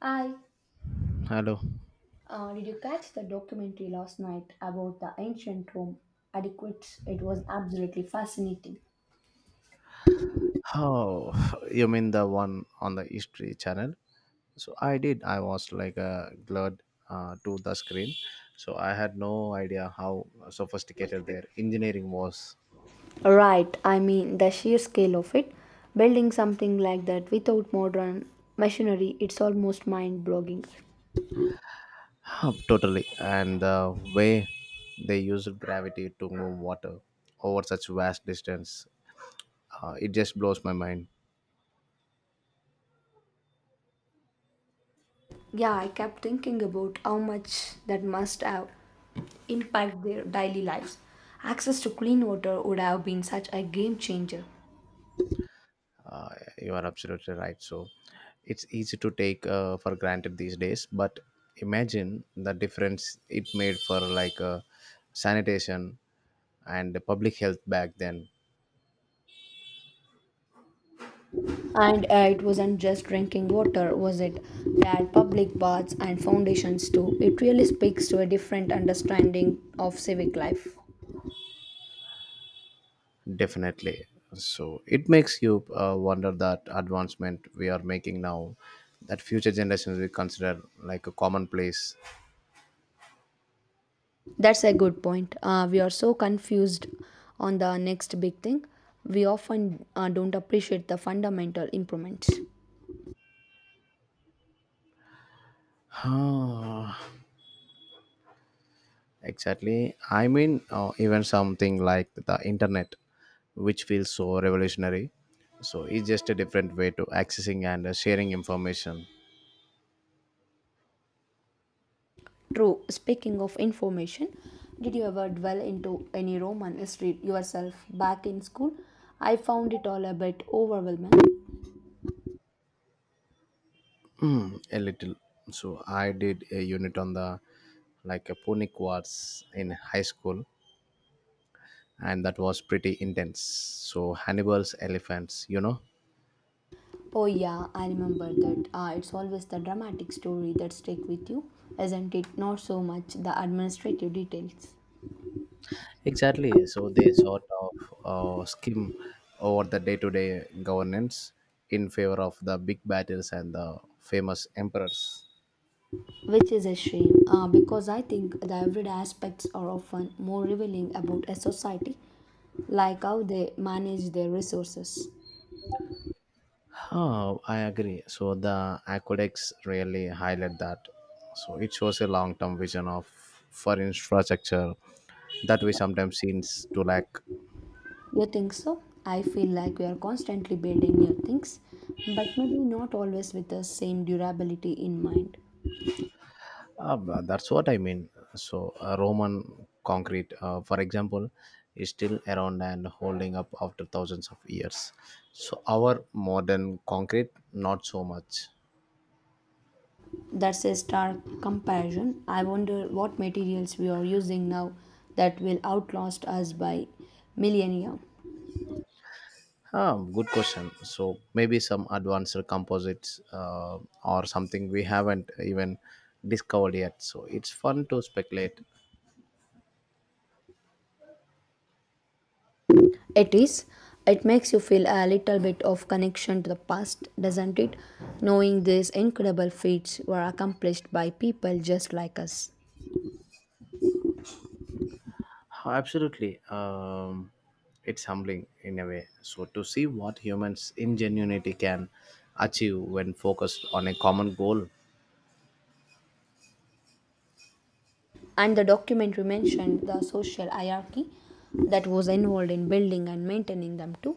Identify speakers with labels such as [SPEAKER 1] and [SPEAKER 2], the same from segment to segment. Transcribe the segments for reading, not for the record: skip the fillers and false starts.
[SPEAKER 1] I
[SPEAKER 2] Hello.
[SPEAKER 1] did you catch the documentary last night about the ancient Rome? Adequates, it was absolutely fascinating.
[SPEAKER 2] Oh, you mean the one on the History Channel? So I did. I was like glued to the screen. So I had no idea how sophisticated their engineering was.
[SPEAKER 1] Right, I mean the sheer scale of it. Building something like that without modern machinery, it's almost mind-boggling.
[SPEAKER 2] Huh, totally. And the way they used gravity to move water over such vast distance, it just blows my mind.
[SPEAKER 1] Yeah, I kept thinking about how much that must have impacted their daily lives. Access to clean water would have been such a game changer.
[SPEAKER 2] Uh, you are absolutely right. So it's easy to take for granted these days, but imagine the difference it made for like sanitation and the public health back then.
[SPEAKER 1] And it wasn't just drinking water, was it? They had public baths and foundations too. It really speaks to a different understanding of civic life.
[SPEAKER 2] Definitely. So it makes you wonder that advancement we are making now that future generations will consider like a commonplace.
[SPEAKER 1] That's a good point. We are so confused on the next big thing. We often don't appreciate the fundamental improvements.
[SPEAKER 2] Exactly. I mean, even something like the internet, which feels so revolutionary. So it's just a different way to accessing and sharing information.
[SPEAKER 1] True. Speaking of information, did you ever dwell into any Roman history yourself back in school? I found it all a bit overwhelming.
[SPEAKER 2] Mm, a little. So I did a unit on the like a Pune Quartz in high school, and that was pretty intense. So Hannibal's elephants, you know.
[SPEAKER 1] Oh yeah, I remember that. It's always the dramatic story that stick with you, isn't it? Not so much the administrative details,
[SPEAKER 2] Exactly. So they sort of skim over the day to day governance in favor of the big battles and the famous emperors.
[SPEAKER 1] which is a shame because I think the everyday aspects are often more revealing about a society, like how they manage their resources.
[SPEAKER 2] Oh, I agree. So the aqueducts really highlight that. So it shows a long term vision of for infrastructure that we sometimes seems to lack.
[SPEAKER 1] You think so? I feel like we are constantly building new things, but maybe not always with the same durability in mind.
[SPEAKER 2] But that's what I mean. So, Roman concrete, for example, is still around and holding up after thousands of years. So, our modern concrete, not so much.
[SPEAKER 1] That's a stark comparison. I wonder what materials we are using now that will outlast us by millennia.
[SPEAKER 2] Ah, good question. So, maybe some advanced composites or something we haven't even discovered yet. So, it's fun to speculate.
[SPEAKER 1] It is. It makes you feel a little bit of connection to the past, doesn't it? Knowing these incredible feats were accomplished by people just like us.
[SPEAKER 2] Oh, absolutely. It's humbling in a way. So, to see what humans' ingenuity can achieve when focused on a common goal.
[SPEAKER 1] And the documentary mentioned the social hierarchy that was involved in building and maintaining them too,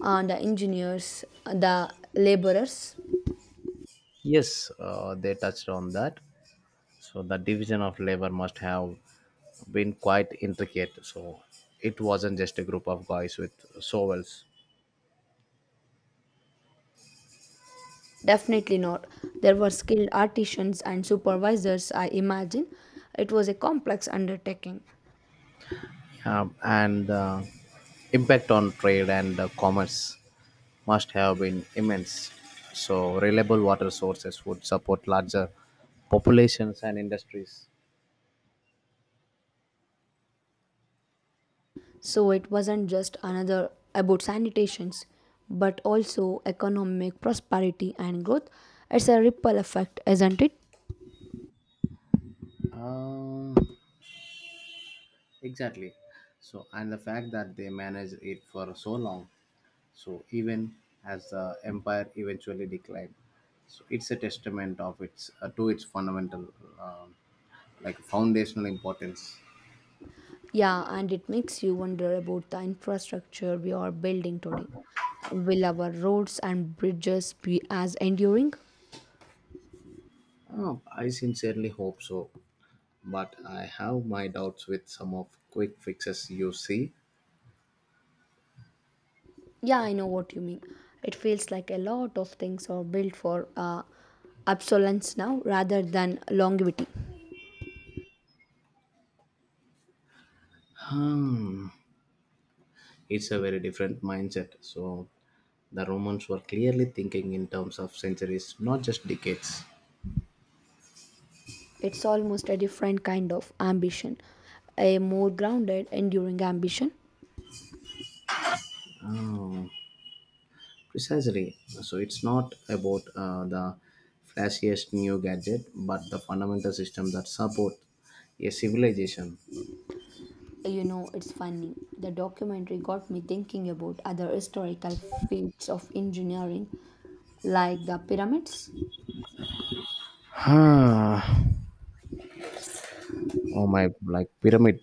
[SPEAKER 1] and the engineers, the laborers.
[SPEAKER 2] Yes, they touched on that. So, the division of labor must have been quite intricate. So, it wasn't just a group of guys with shovels.
[SPEAKER 1] Definitely not. There were skilled artisans and supervisors, I imagine. It was a complex undertaking.
[SPEAKER 2] And Impact on trade and commerce must have been immense. So, reliable water sources would support larger populations and industries.
[SPEAKER 1] So it wasn't just another about sanitations, but also economic prosperity and growth. It's a ripple effect, isn't it?
[SPEAKER 2] Um, exactly. So, and the fact that they managed it for so long, so even as the empire eventually declined, so it's a testament of its to its fundamental, um like foundational importance.
[SPEAKER 1] Yeah, and it makes you wonder about the infrastructure we are building today. Will our roads and bridges be as enduring?
[SPEAKER 2] Oh, I sincerely hope so. But I have my doubts with some of quick fixes you see.
[SPEAKER 1] Yeah, I know what you mean. It feels like a lot of things are built for obsolescence now rather than longevity.
[SPEAKER 2] Hmm, it's a very different mindset. So the Romans were clearly thinking in terms of centuries, not just decades.
[SPEAKER 1] It's almost a different kind of ambition, a more grounded, enduring ambition.
[SPEAKER 2] Precisely. So it's not about the flashiest new gadget, but the fundamental system that support a civilization.
[SPEAKER 1] You know, it's funny. The documentary got me thinking about other historical feats of engineering, like the pyramids,
[SPEAKER 2] Huh. Oh my, like pyramid